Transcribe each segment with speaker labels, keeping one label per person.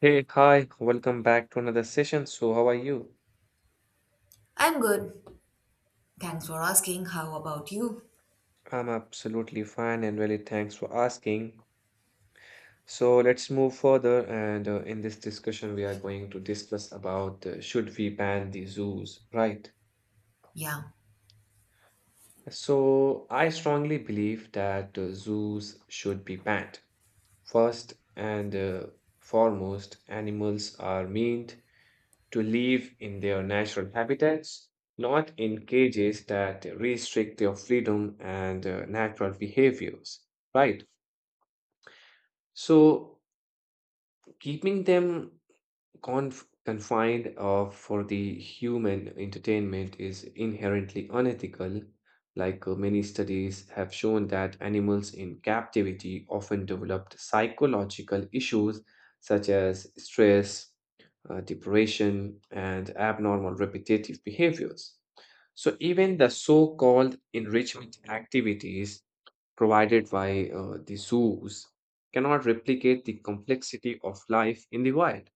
Speaker 1: Hey, hi, welcome back to another session. So, how are you?
Speaker 2: I'm good. Thanks for asking. How about you?
Speaker 1: I'm absolutely fine and really thanks for asking. So, let's move further. And In this discussion, we are going to discuss about should we ban the zoos, right?
Speaker 2: Yeah,
Speaker 1: So, I strongly believe that zoos should be banned. First and foremost, animals are mean to live in their natural habitats, not in cages that restrict their freedom and natural behaviors, right? So, keeping them confined for the human entertainment is inherently unethical. Many studies have shown that animals in captivity often developed psychological issues such as stress, depression, and abnormal repetitive behaviors. So, even the so called enrichment activities provided by the zoos cannot replicate the complexity of life in the wild.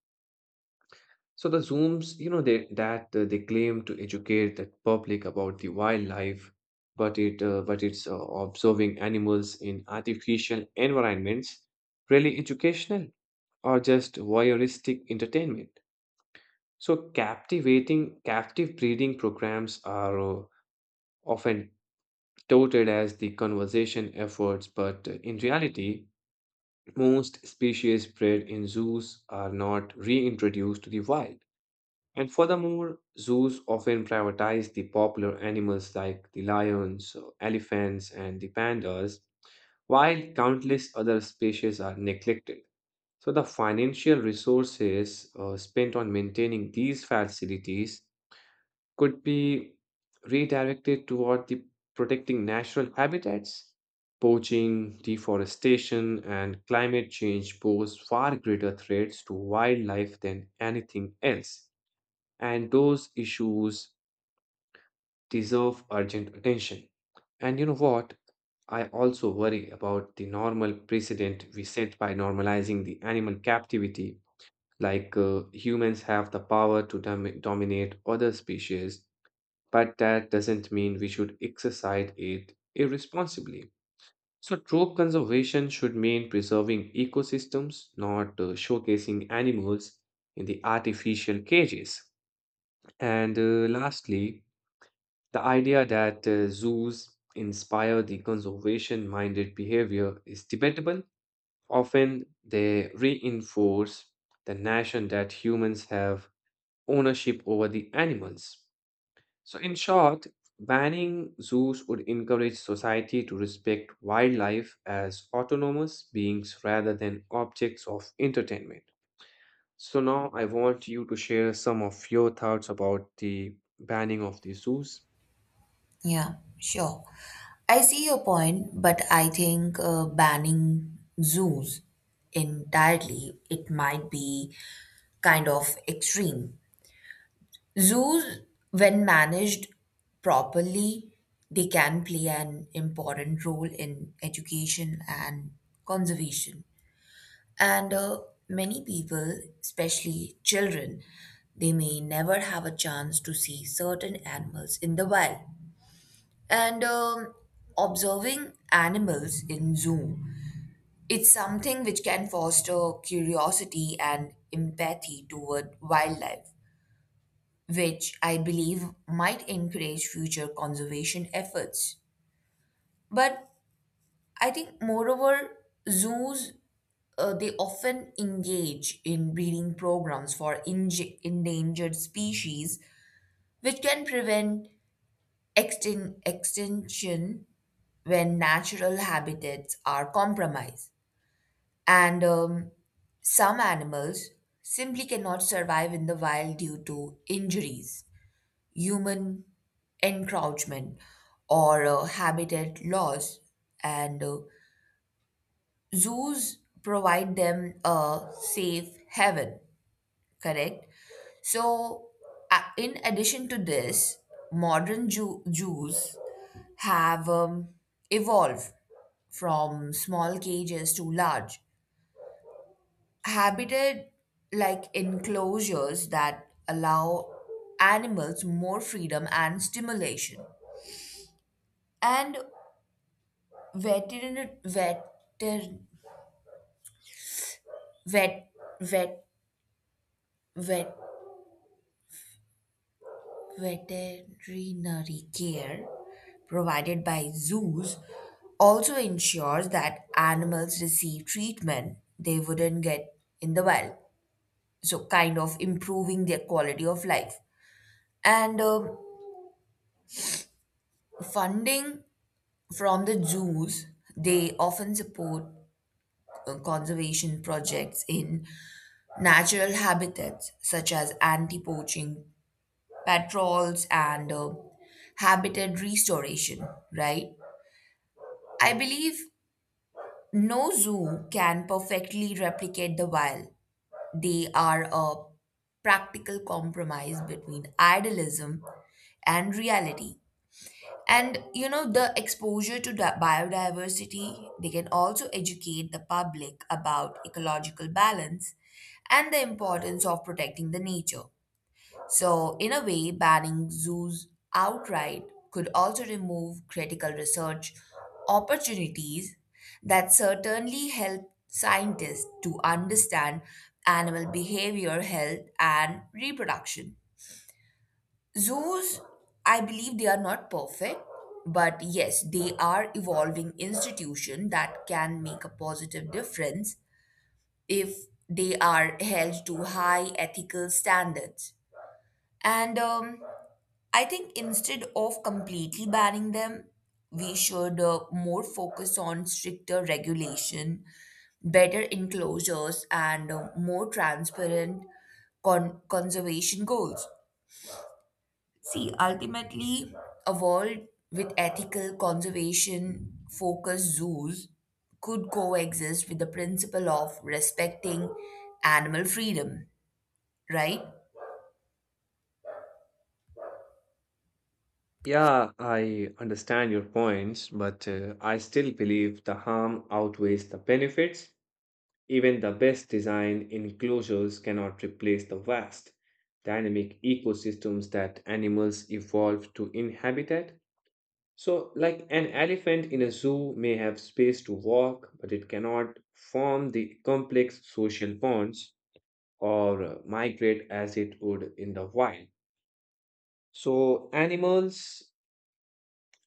Speaker 1: So the zooms, you know, they claim to educate the public about the wildlife, but it but it's observing animals in artificial environments really educational or just voyeuristic entertainment. So captivating captive breeding programs are often touted as the conservation efforts, but in reality, most species bred in zoos are not reintroduced to the wild. And furthermore, zoos often prioritize the popular animals like the lions, elephants, and the pandas, while countless other species are neglected. So, the financial resources spent on maintaining these facilities could be redirected toward the protecting natural habitats. Poaching, deforestation, and climate change pose far greater threats to wildlife than anything else and those issues deserve urgent attention. And you know what? I also worry about the normal precedent we set by normalizing the animal captivity, humans have the power to dominate other species, but that doesn't mean we should exercise it irresponsibly. So, true conservation should mean preserving ecosystems, not showcasing animals in the artificial cages. And Lastly, the idea that zoos inspire the conservation minded behavior is debatable. Often, they reinforce the notion that humans have ownership over the animals. So, in short, banning zoos would encourage society to respect wildlife as autonomous beings rather than objects of entertainment. So, now I want you to share some of your thoughts about the banning of the zoos.
Speaker 2: yeah, Sure. I see your point, but I think banning zoos entirely, it might be kind of extreme. Zoos, when managed properly, they can play an important role in education and conservation. And Many people, especially children, they may never have a chance to see certain animals in the wild. And Observing animals in zoo, it's something which can foster curiosity and empathy toward wildlife, which I believe might encourage future conservation efforts. But I think, moreover, zoos they often engage in breeding programs for endangered species, which can prevent extinction when natural habitats are compromised. And Some animals simply cannot survive in the wild due to injuries, human encroachment, or habitat loss. And Zoos provide them a safe haven. Correct. So, in addition to this, modern Jews have evolved from small cages to large, habited like enclosures that allow animals more freedom and stimulation. And veterin- vet- vet- vet- vet- veterinary care provided by zoos also ensures that animals receive treatment they wouldn't get in the wild, so kind of improving their quality of life. And funding from the zoos, they often support conservation projects in natural habitats such as anti poaching patrols and habitat restoration, right? I believe no zoo can perfectly replicate the wild. They are a practical compromise between idealism and reality. And you know, the exposure to biodiversity, they can also educate the public about ecological balance and the importance of protecting the nature. So, in a way, banning zoos outright could also remove critical research opportunities that certainly help scientists to understand animal behavior, health, and reproduction. Zoos, I believe they are not perfect, but yes, they are evolving institution that can make a positive difference if they are held to high ethical standards. And I think instead of completely banning them, we should more focus on stricter regulation, better enclosures, and more transparent conservation goals. See, ultimately, a world with ethical conservation focused zoos could coexist with the principle of respecting animal freedom, right?
Speaker 1: Yeah, I understand your points, but I still believe the harm outweighs the benefits. Even the best design enclosures cannot replace the vast, dynamic ecosystems that animals evolve to inhabit. So, like an elephant in a zoo may have space to walk, but it cannot form the complex social bonds or migrate as it would in the wild. So, animals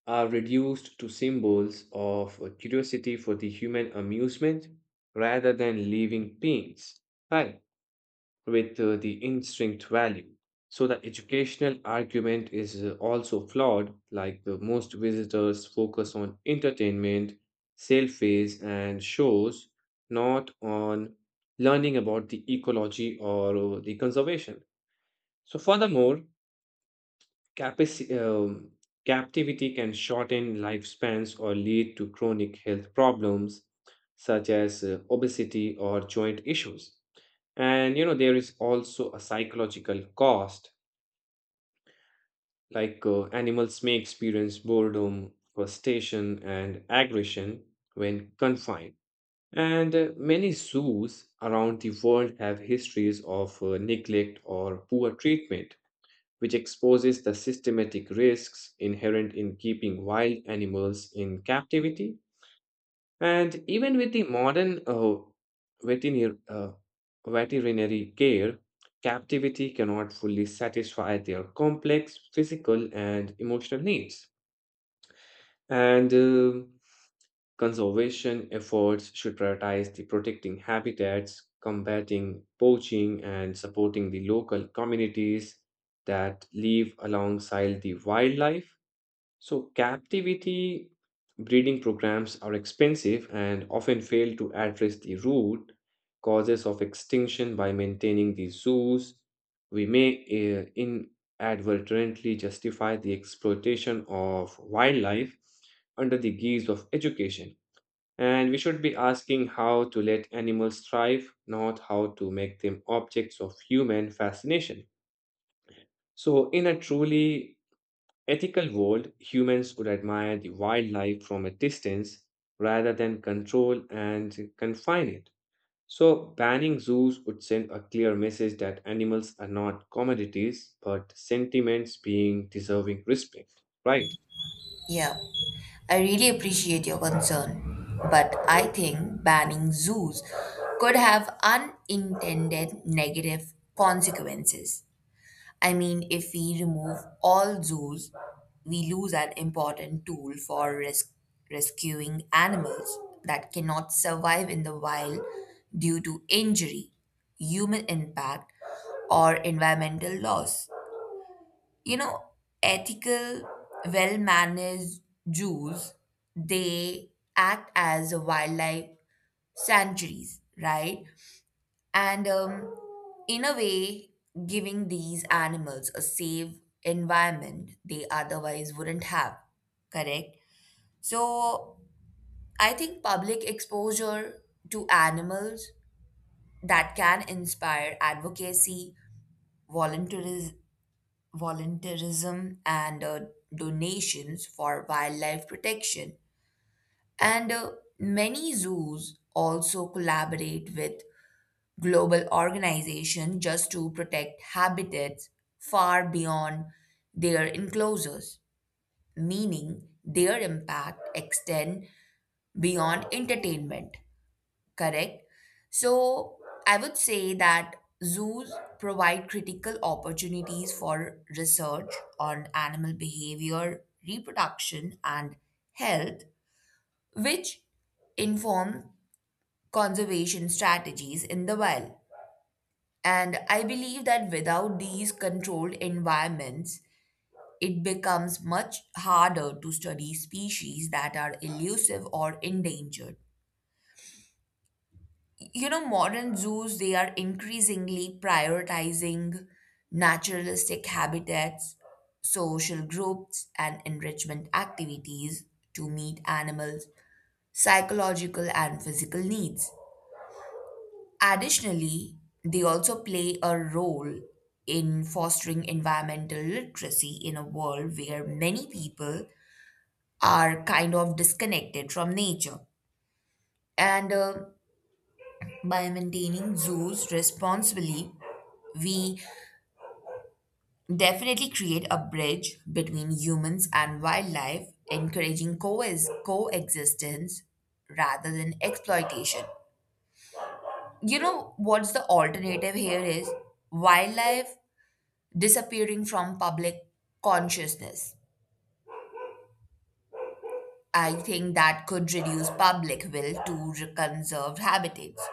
Speaker 1: are reduced to symbols of curiosity for the human amusement rather than living beings, right? With the instinct value. So the educational argument is also flawed, like the most visitors focus on entertainment, selfies, and shows, not on learning about the ecology or the conservation. So, furthermore, Capaci- um, captivity can shorten lifespans or lead to chronic health problems such as obesity or joint issues. And you know, there is also a psychological cost, animals may experience boredom, frustration, and aggression when confined. And many zoos around the world have histories of neglect or poor treatment which exposes the systematic risks inherent in keeping wild animals in captivity. And even with the modern veterinary, uh, veterinary care, captivity cannot fully satisfy their complex physical and emotional needs. And Conservation efforts should prioritize the protecting habitats, combating poaching, and supporting the local communities that live alongside the wildlife. So, captivity breeding programs are expensive and often fail to address the root causes of extinction by maintaining the zoos. We may inadvertently justify the exploitation of wildlife under the guise of education. And we should be asking how to let animals thrive, not how to make them objects of human fascination. So, in a truly ethical world, humans would admire the wildlife from a distance rather than control and confine it. So, banning zoos would send a clear message that animals are not commodities but sentiments being deserving respect, right?
Speaker 2: Yeah, I really appreciate your concern, but I think banning zoos could have unintended negative consequences. I mean, if we remove all zoos, we lose an important tool for rescuing animals that cannot survive in the wild due to injury, human impact, or environmental loss. You know, ethical, well managed zoos, they act as wildlife sanctuaries, right? And In a way, giving these animals a safe environment they otherwise wouldn't have, correct? So I think public exposure to animals that can inspire advocacy, volunteerism, volunteerism and donations for wildlife protection. And Many zoos also collaborate with global organizations just to protect habitats far beyond their enclosures, meaning their impact extend beyond entertainment. Correct. So I would say that zoos provide critical opportunities for research on animal behavior, reproduction, and health, which inform conservation strategies in the wild. And I believe that without these controlled environments, it becomes much harder to study species that are elusive or endangered. You know, modern zoos they are increasingly prioritizing naturalistic habitats, social groups, and enrichment activities to meet animals psychological and physical needs. Additionally, they also play a role in fostering environmental literacy in a world where many people are kind of disconnected from nature, and by maintaining zoos responsibly we definitely create a bridge between humans and wildlife, encouraging coexistence rather than exploitation. You know what's the alternative here is wildlife disappearing from public consciousness. I think that could reduce public will to conserved habitats.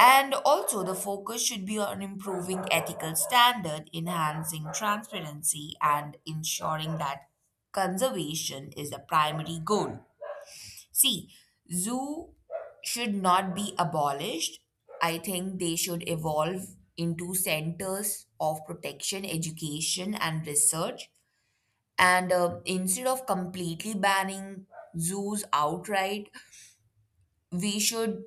Speaker 2: And also, the focus should be on improving ethical standard, enhancing transparency, and ensuring that conservation is the primary goal. See, zoo should not be abolished. I think they should evolve into centers of protection, education, and research. And Instead of completely banning zoos outright, we should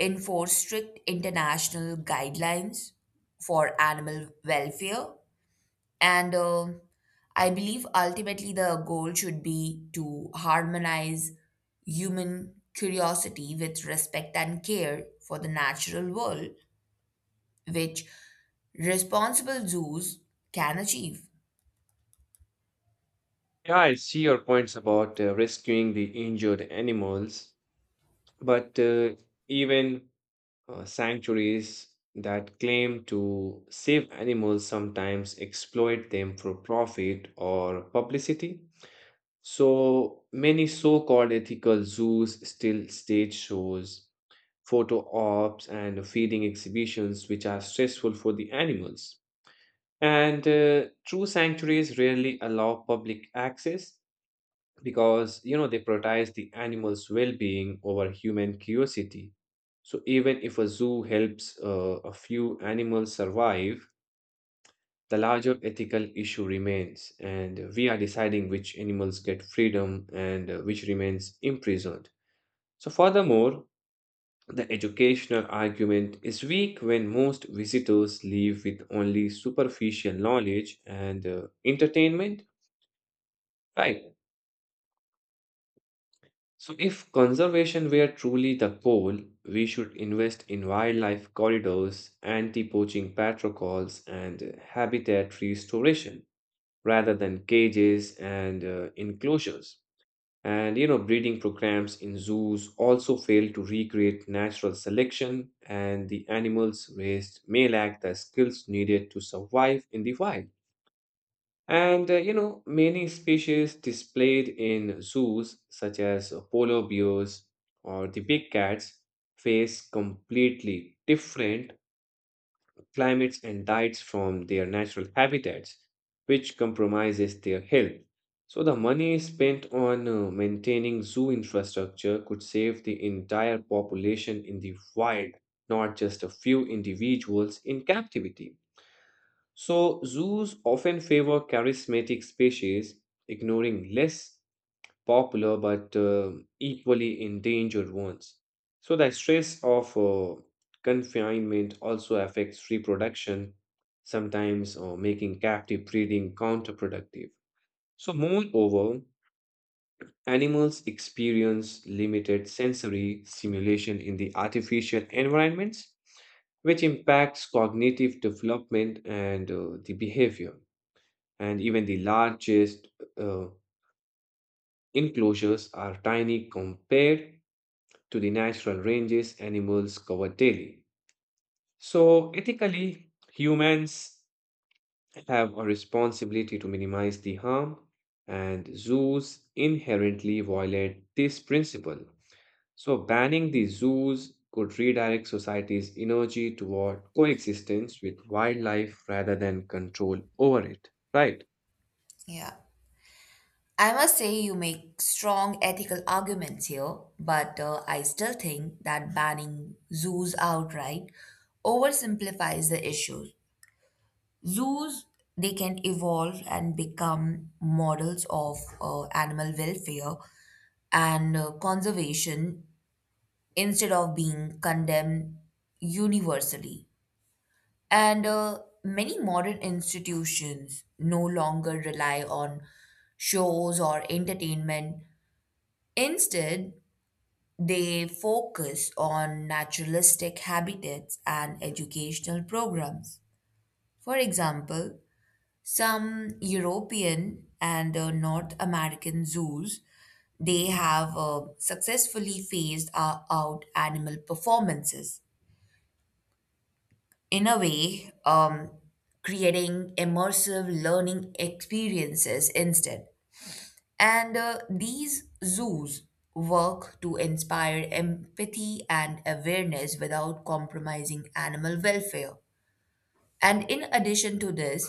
Speaker 2: enforce strict international guidelines for animal welfare. And I believe ultimately the goal should be to harmonize human curiosity with respect and care for the natural world, which responsible zoos can achieve.
Speaker 1: Yeah, I see your points about rescuing the injured animals, but even sanctuaries that claim to save animals sometimes exploit them for profit or publicity. So many so called ethical zoos still stage shows, photo ops, and feeding exhibitions, which are stressful for the animals. And true sanctuaries rarely allow public access because you know they prioritize the animals' well-being over human curiosity. So even if a zoo helps a few animals survive, the larger ethical issue remains, and we are deciding which animals get freedom and which remains imprisoned. So, furthermore, the educational argument is weak when most visitors leave with only superficial knowledge and entertainment, right? So, if conservation were truly the goal, we should invest in wildlife corridors, anti poaching patrols, and habitat restoration rather than cages and enclosures. And you know, breeding programs in zoos also fail to recreate natural selection, and the animals raised may lack the skills needed to survive in the wild. And you know, many species displayed in zoos, such as polar bears or the big cats, face completely different climates and diets from their natural habitats, which compromises their health. So, the money spent on maintaining zoo infrastructure could save the entire population in the wild, not just a few individuals in captivity. So, zoos often favor charismatic species, ignoring less popular but equally endangered ones. So, the stress of confinement also affects reproduction, sometimes making captive breeding counterproductive. So, moreover, animals experience limited sensory stimulation in the artificial environments, which impacts cognitive development and the behavior. And even the largest uh, enclosures are tiny compared to the natural ranges animals cover daily. So, ethically, humans have a responsibility to minimize the harm, and zoos inherently violate this principle. So, banning the zoos could redirect society's energy toward coexistence with wildlife rather than control over it. Right?
Speaker 2: Yeah. I must say you make strong ethical arguments here, but I still think that banning zoos outright oversimplifies the issue. Zoos, they can evolve and become models of animal welfare and conservation instead of being condemned universally. And Many modern institutions no longer rely on shows or entertainment. Instead, they focus on naturalistic habitats and educational programs. For example, some European and North American zoos they have successfully phased out animal performances in a way creating immersive learning experiences instead. And These zoos work to inspire empathy and awareness without compromising animal welfare. And in addition to this,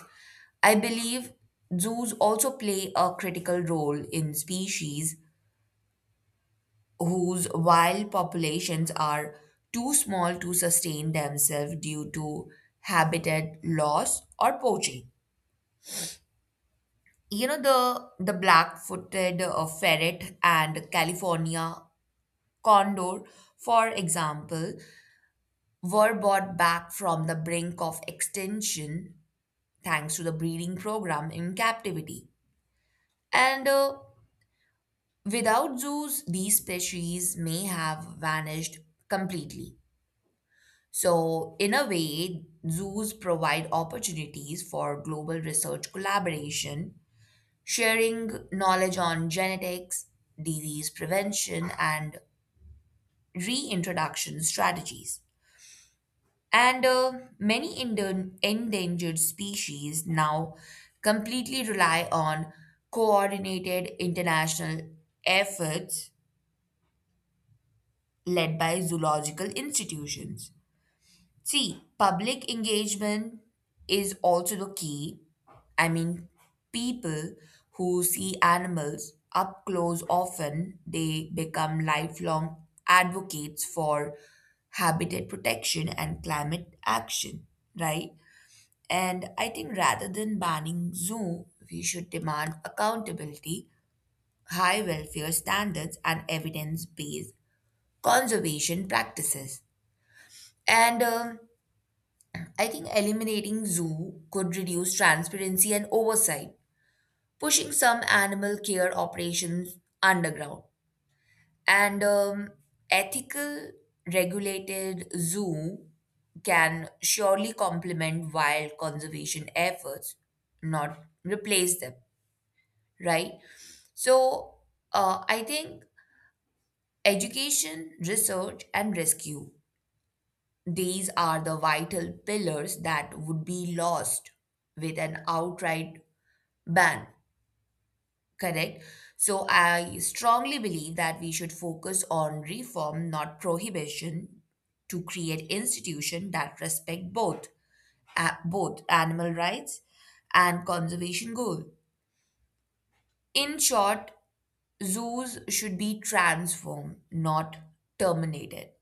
Speaker 2: I believe zoos also play a critical role in species whose wild populations are too small to sustain themselves due to habitat loss or poaching. You know, the black-footed ferret and California Condor, for example, were bought back from the brink of extinction thanks to the breeding program in captivity. And Without zoos, these species may have vanished completely. So, in a way, zoos provide opportunities for global research collaboration, sharing knowledge on genetics, disease prevention, and reintroduction strategies. And Many endangered species now completely rely on coordinated international efforts led by zoological institutions. See, public engagement is also the key. I mean, people who see animals up close often they become lifelong advocates for habitat protection and climate action, right? And I think rather than banning Zoom, we should demand accountability, high welfare standards, and evidence based conservation practices. And I think eliminating zoo could reduce transparency and oversight, pushing some animal care operations underground. And Ethical regulated zoo can surely complement wild conservation efforts, not replace them, right? So I think education, research, and rescue, these are the vital pillars that would be lost with an outright ban, correct? So I strongly believe that we should focus on reform, not prohibition, to create institutions that respect both, both animal rights and conservation goal. In short, zoos should be transformed, not terminated.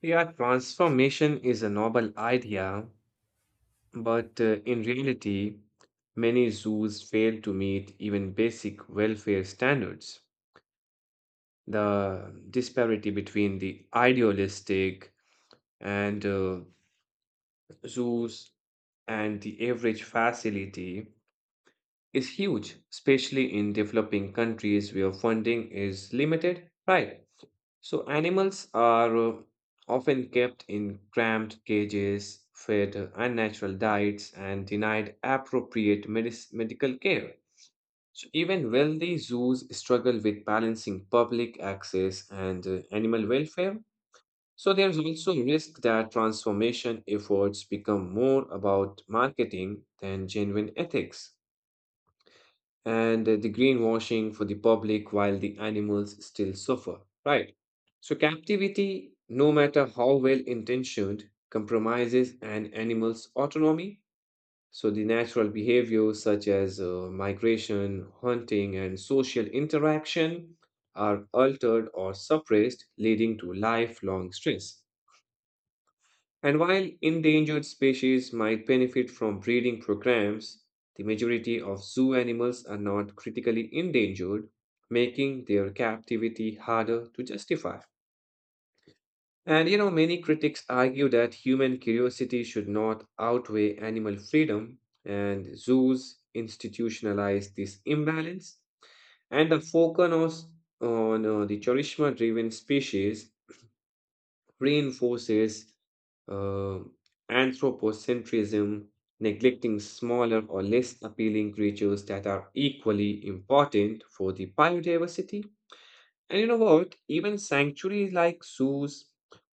Speaker 1: Yeah, transformation is a noble idea, but in reality, many zoos fail to meet even basic welfare standards. The disparity between the idealistic and zoos and the average facility is huge, especially in developing countries where funding is limited, right? So animals are often kept in cramped cages, fed unnatural diets, and denied appropriate medical care. So even wealthy zoos struggle with balancing public access and animal welfare. So there's also a risk that transformation efforts become more about marketing than genuine ethics and the greenwashing for the public while the animals still suffer, right? So captivity, no matter how well intentioned, compromises an animal's autonomy so the natural behaviors such as migration, hunting, and social interaction are altered or suppressed, leading to lifelong stress. And while endangered species might benefit from breeding programs, the majority of zoo animals are not critically endangered, making their captivity harder to justify. And you know, many critics argue that human curiosity should not outweigh animal freedom, and zoos institutionalize this imbalance, and the focus on the charisma driven species reinforces uh, anthropocentrism, neglecting smaller or less appealing creatures that are equally important for the biodiversity. And you know what? Even sanctuaries like zoos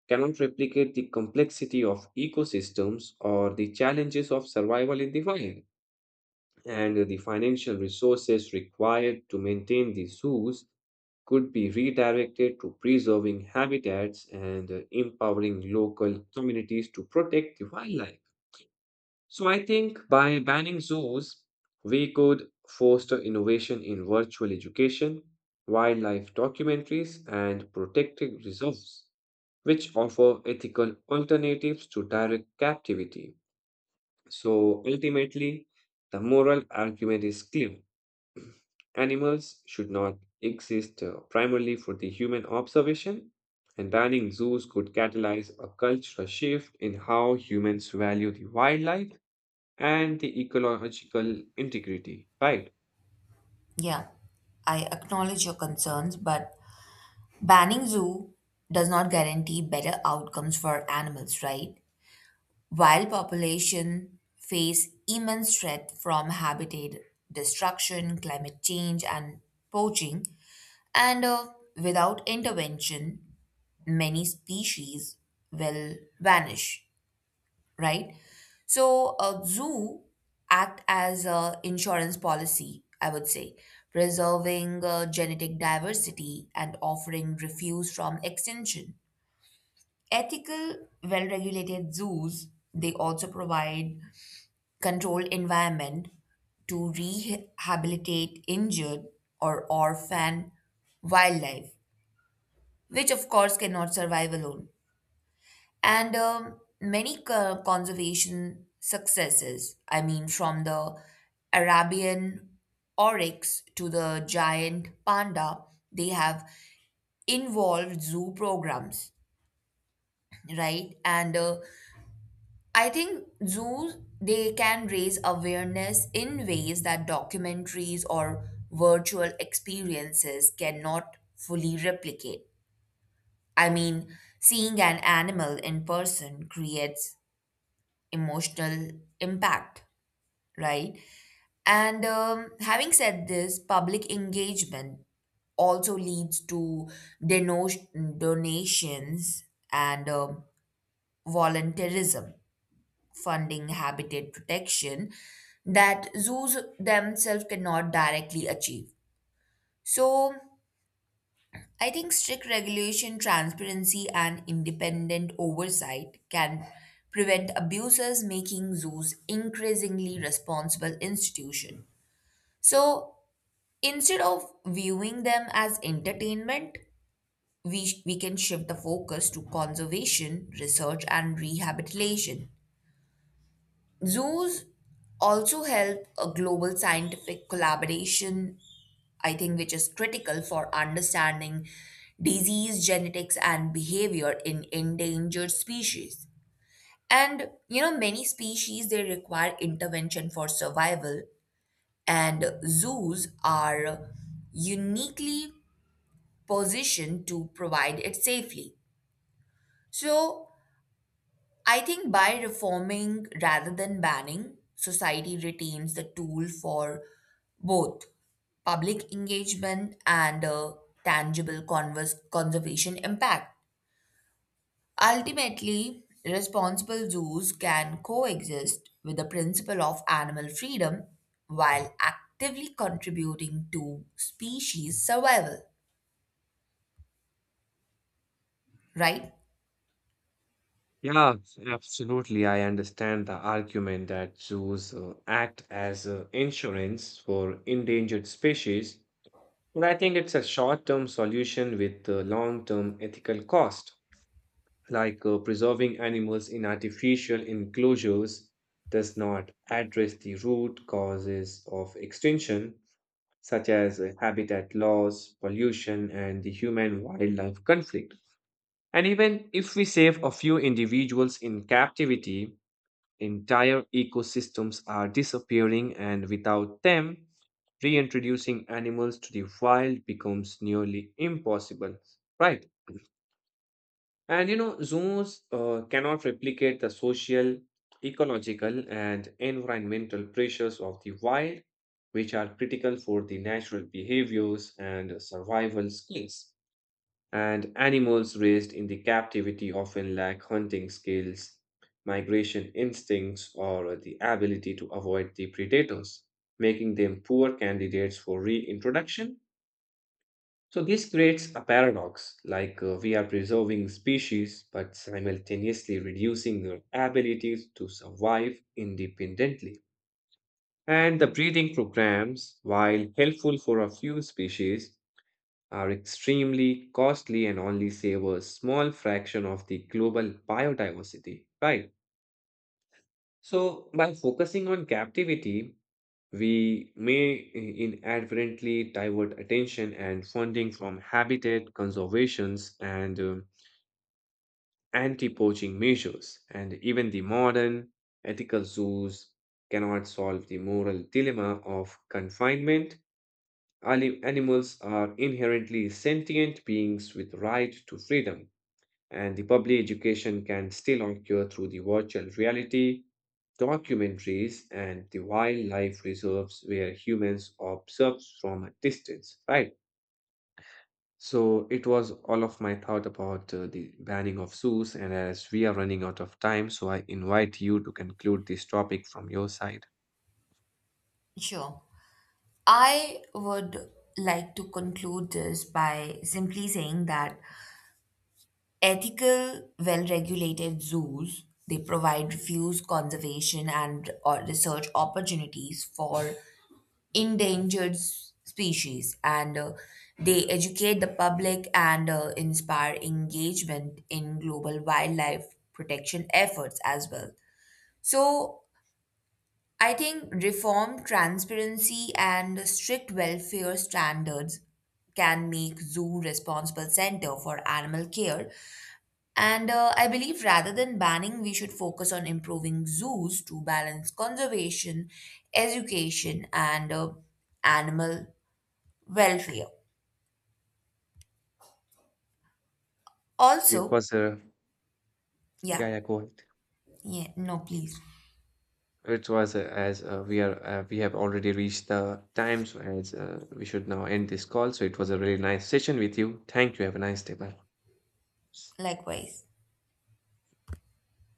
Speaker 1: cannot replicate the complexity of ecosystems or the challenges of survival in the wild. And the financial resources required to maintain the zoos could be redirected to preserving habitats and empowering local communities to protect the wildlife. So I think by banning zoos, we could foster innovation in virtual education, wildlife documentaries, and protected reserves, which offer ethical alternatives to direct captivity. So ultimately, the moral argument is clear. Animals should not exist primarily for the human observation, and banning zoos could catalyze a cultural shift in how humans value the wildlife and the ecological integrity, right?
Speaker 2: Yeah, I acknowledge your concerns, but banning zoo does not guarantee better outcomes for animals, right? Wild population face immense threat from habitat destruction, climate change, and poaching, and without intervention, many species will vanish, right? So a zoo act as a insurance policy, I would say, preserving genetic diversity and offering refuse from extinction. Ethical, well-regulated zoos, they also provide controlled environment to rehabilitate injured or orphan wildlife, which of course cannot survive alone. And Many conservation successes. I mean, from the Arabian oryx to the giant panda, they have involved zoo programs, right? And I think zoos they can raise awareness in ways that documentaries or virtual experiences cannot fully replicate. I mean, seeing an animal in person creates emotional impact, right? And Having said this, public engagement also leads to donations and volunteerism, funding habitat protection that zoos themselves cannot directly achieve. So, I think strict regulation, transparency, and independent oversight can prevent abusers making zoos increasingly responsible institution. So instead of viewing them as entertainment, we can shift the focus to conservation, research, and rehabilitation. Zoos also help a global scientific collaboration I think, which is critical for understanding disease genetics and behavior in endangered species. And you know, many species they require intervention for survival, and zoos are uniquely positioned to provide it safely. So, I think by reforming rather than banning, society retains the tool for both public engagement and a tangible converse conservation impact. Ultimately, responsible zoos can coexist with the principle of animal freedom while actively contributing to species survival, right?
Speaker 1: Yeah, absolutely. I understand the argument that zoos act as insurance for endangered species, but I think it's a short-term solution with long-term ethical cost. Preserving animals in artificial enclosures does not address the root causes of extinction, such as habitat loss, pollution, and the human-wildlife conflict. And even if we save a few individuals in captivity, entire ecosystems are disappearing, and without them, reintroducing animals to the wild becomes nearly impossible. Right. And you know, zoos cannot replicate the social, ecological, and environmental pressures of the wild, which are critical for the natural behaviors and survival skills and animals raised in the captivity often lack hunting skills, migration instincts, or the ability to avoid the predators, making them poor candidates for reintroduction. So, this creates a paradox we are preserving species but simultaneously reducing their abilities to survive independently. And the breeding programs, while helpful for a few species, are extremely costly and only save a small fraction of the global biodiversity, right? So, by focusing on captivity, we may inadvertently divert attention and funding from habitat conservations and anti-poaching measures. And even the modern ethical zoos cannot solve the moral dilemma of confinement. Animals are inherently sentient beings with right to freedom and the public education can still occur through the virtual reality, documentaries, and the wildlife reserves where humans observe from a distance, right? So it was all of my thought about the banning of zoos, and as we are running out of time, so I invite you to conclude this topic from your side.
Speaker 2: Sure. I would like to conclude this by simply saying that ethical, well-regulated zoos, they provide refuse conservation and research opportunities for endangered species and they educate the public and inspire engagement in global wildlife protection efforts as well. So, I think reform, transparency, and strict welfare standards can make zoo responsible center for animal care and I believe rather than banning, we should focus on improving zoos to balance conservation, education, and animal welfare.
Speaker 1: It
Speaker 2: Also,
Speaker 1: was a yeah,
Speaker 2: yeah,
Speaker 1: yeah, go ahead.
Speaker 2: yeah, no, please.
Speaker 1: It was as we are we have already reached the time, so as we should now end this call. So it was a really nice session with you. Thank you. Have a nice day. Bye.
Speaker 2: Likewise.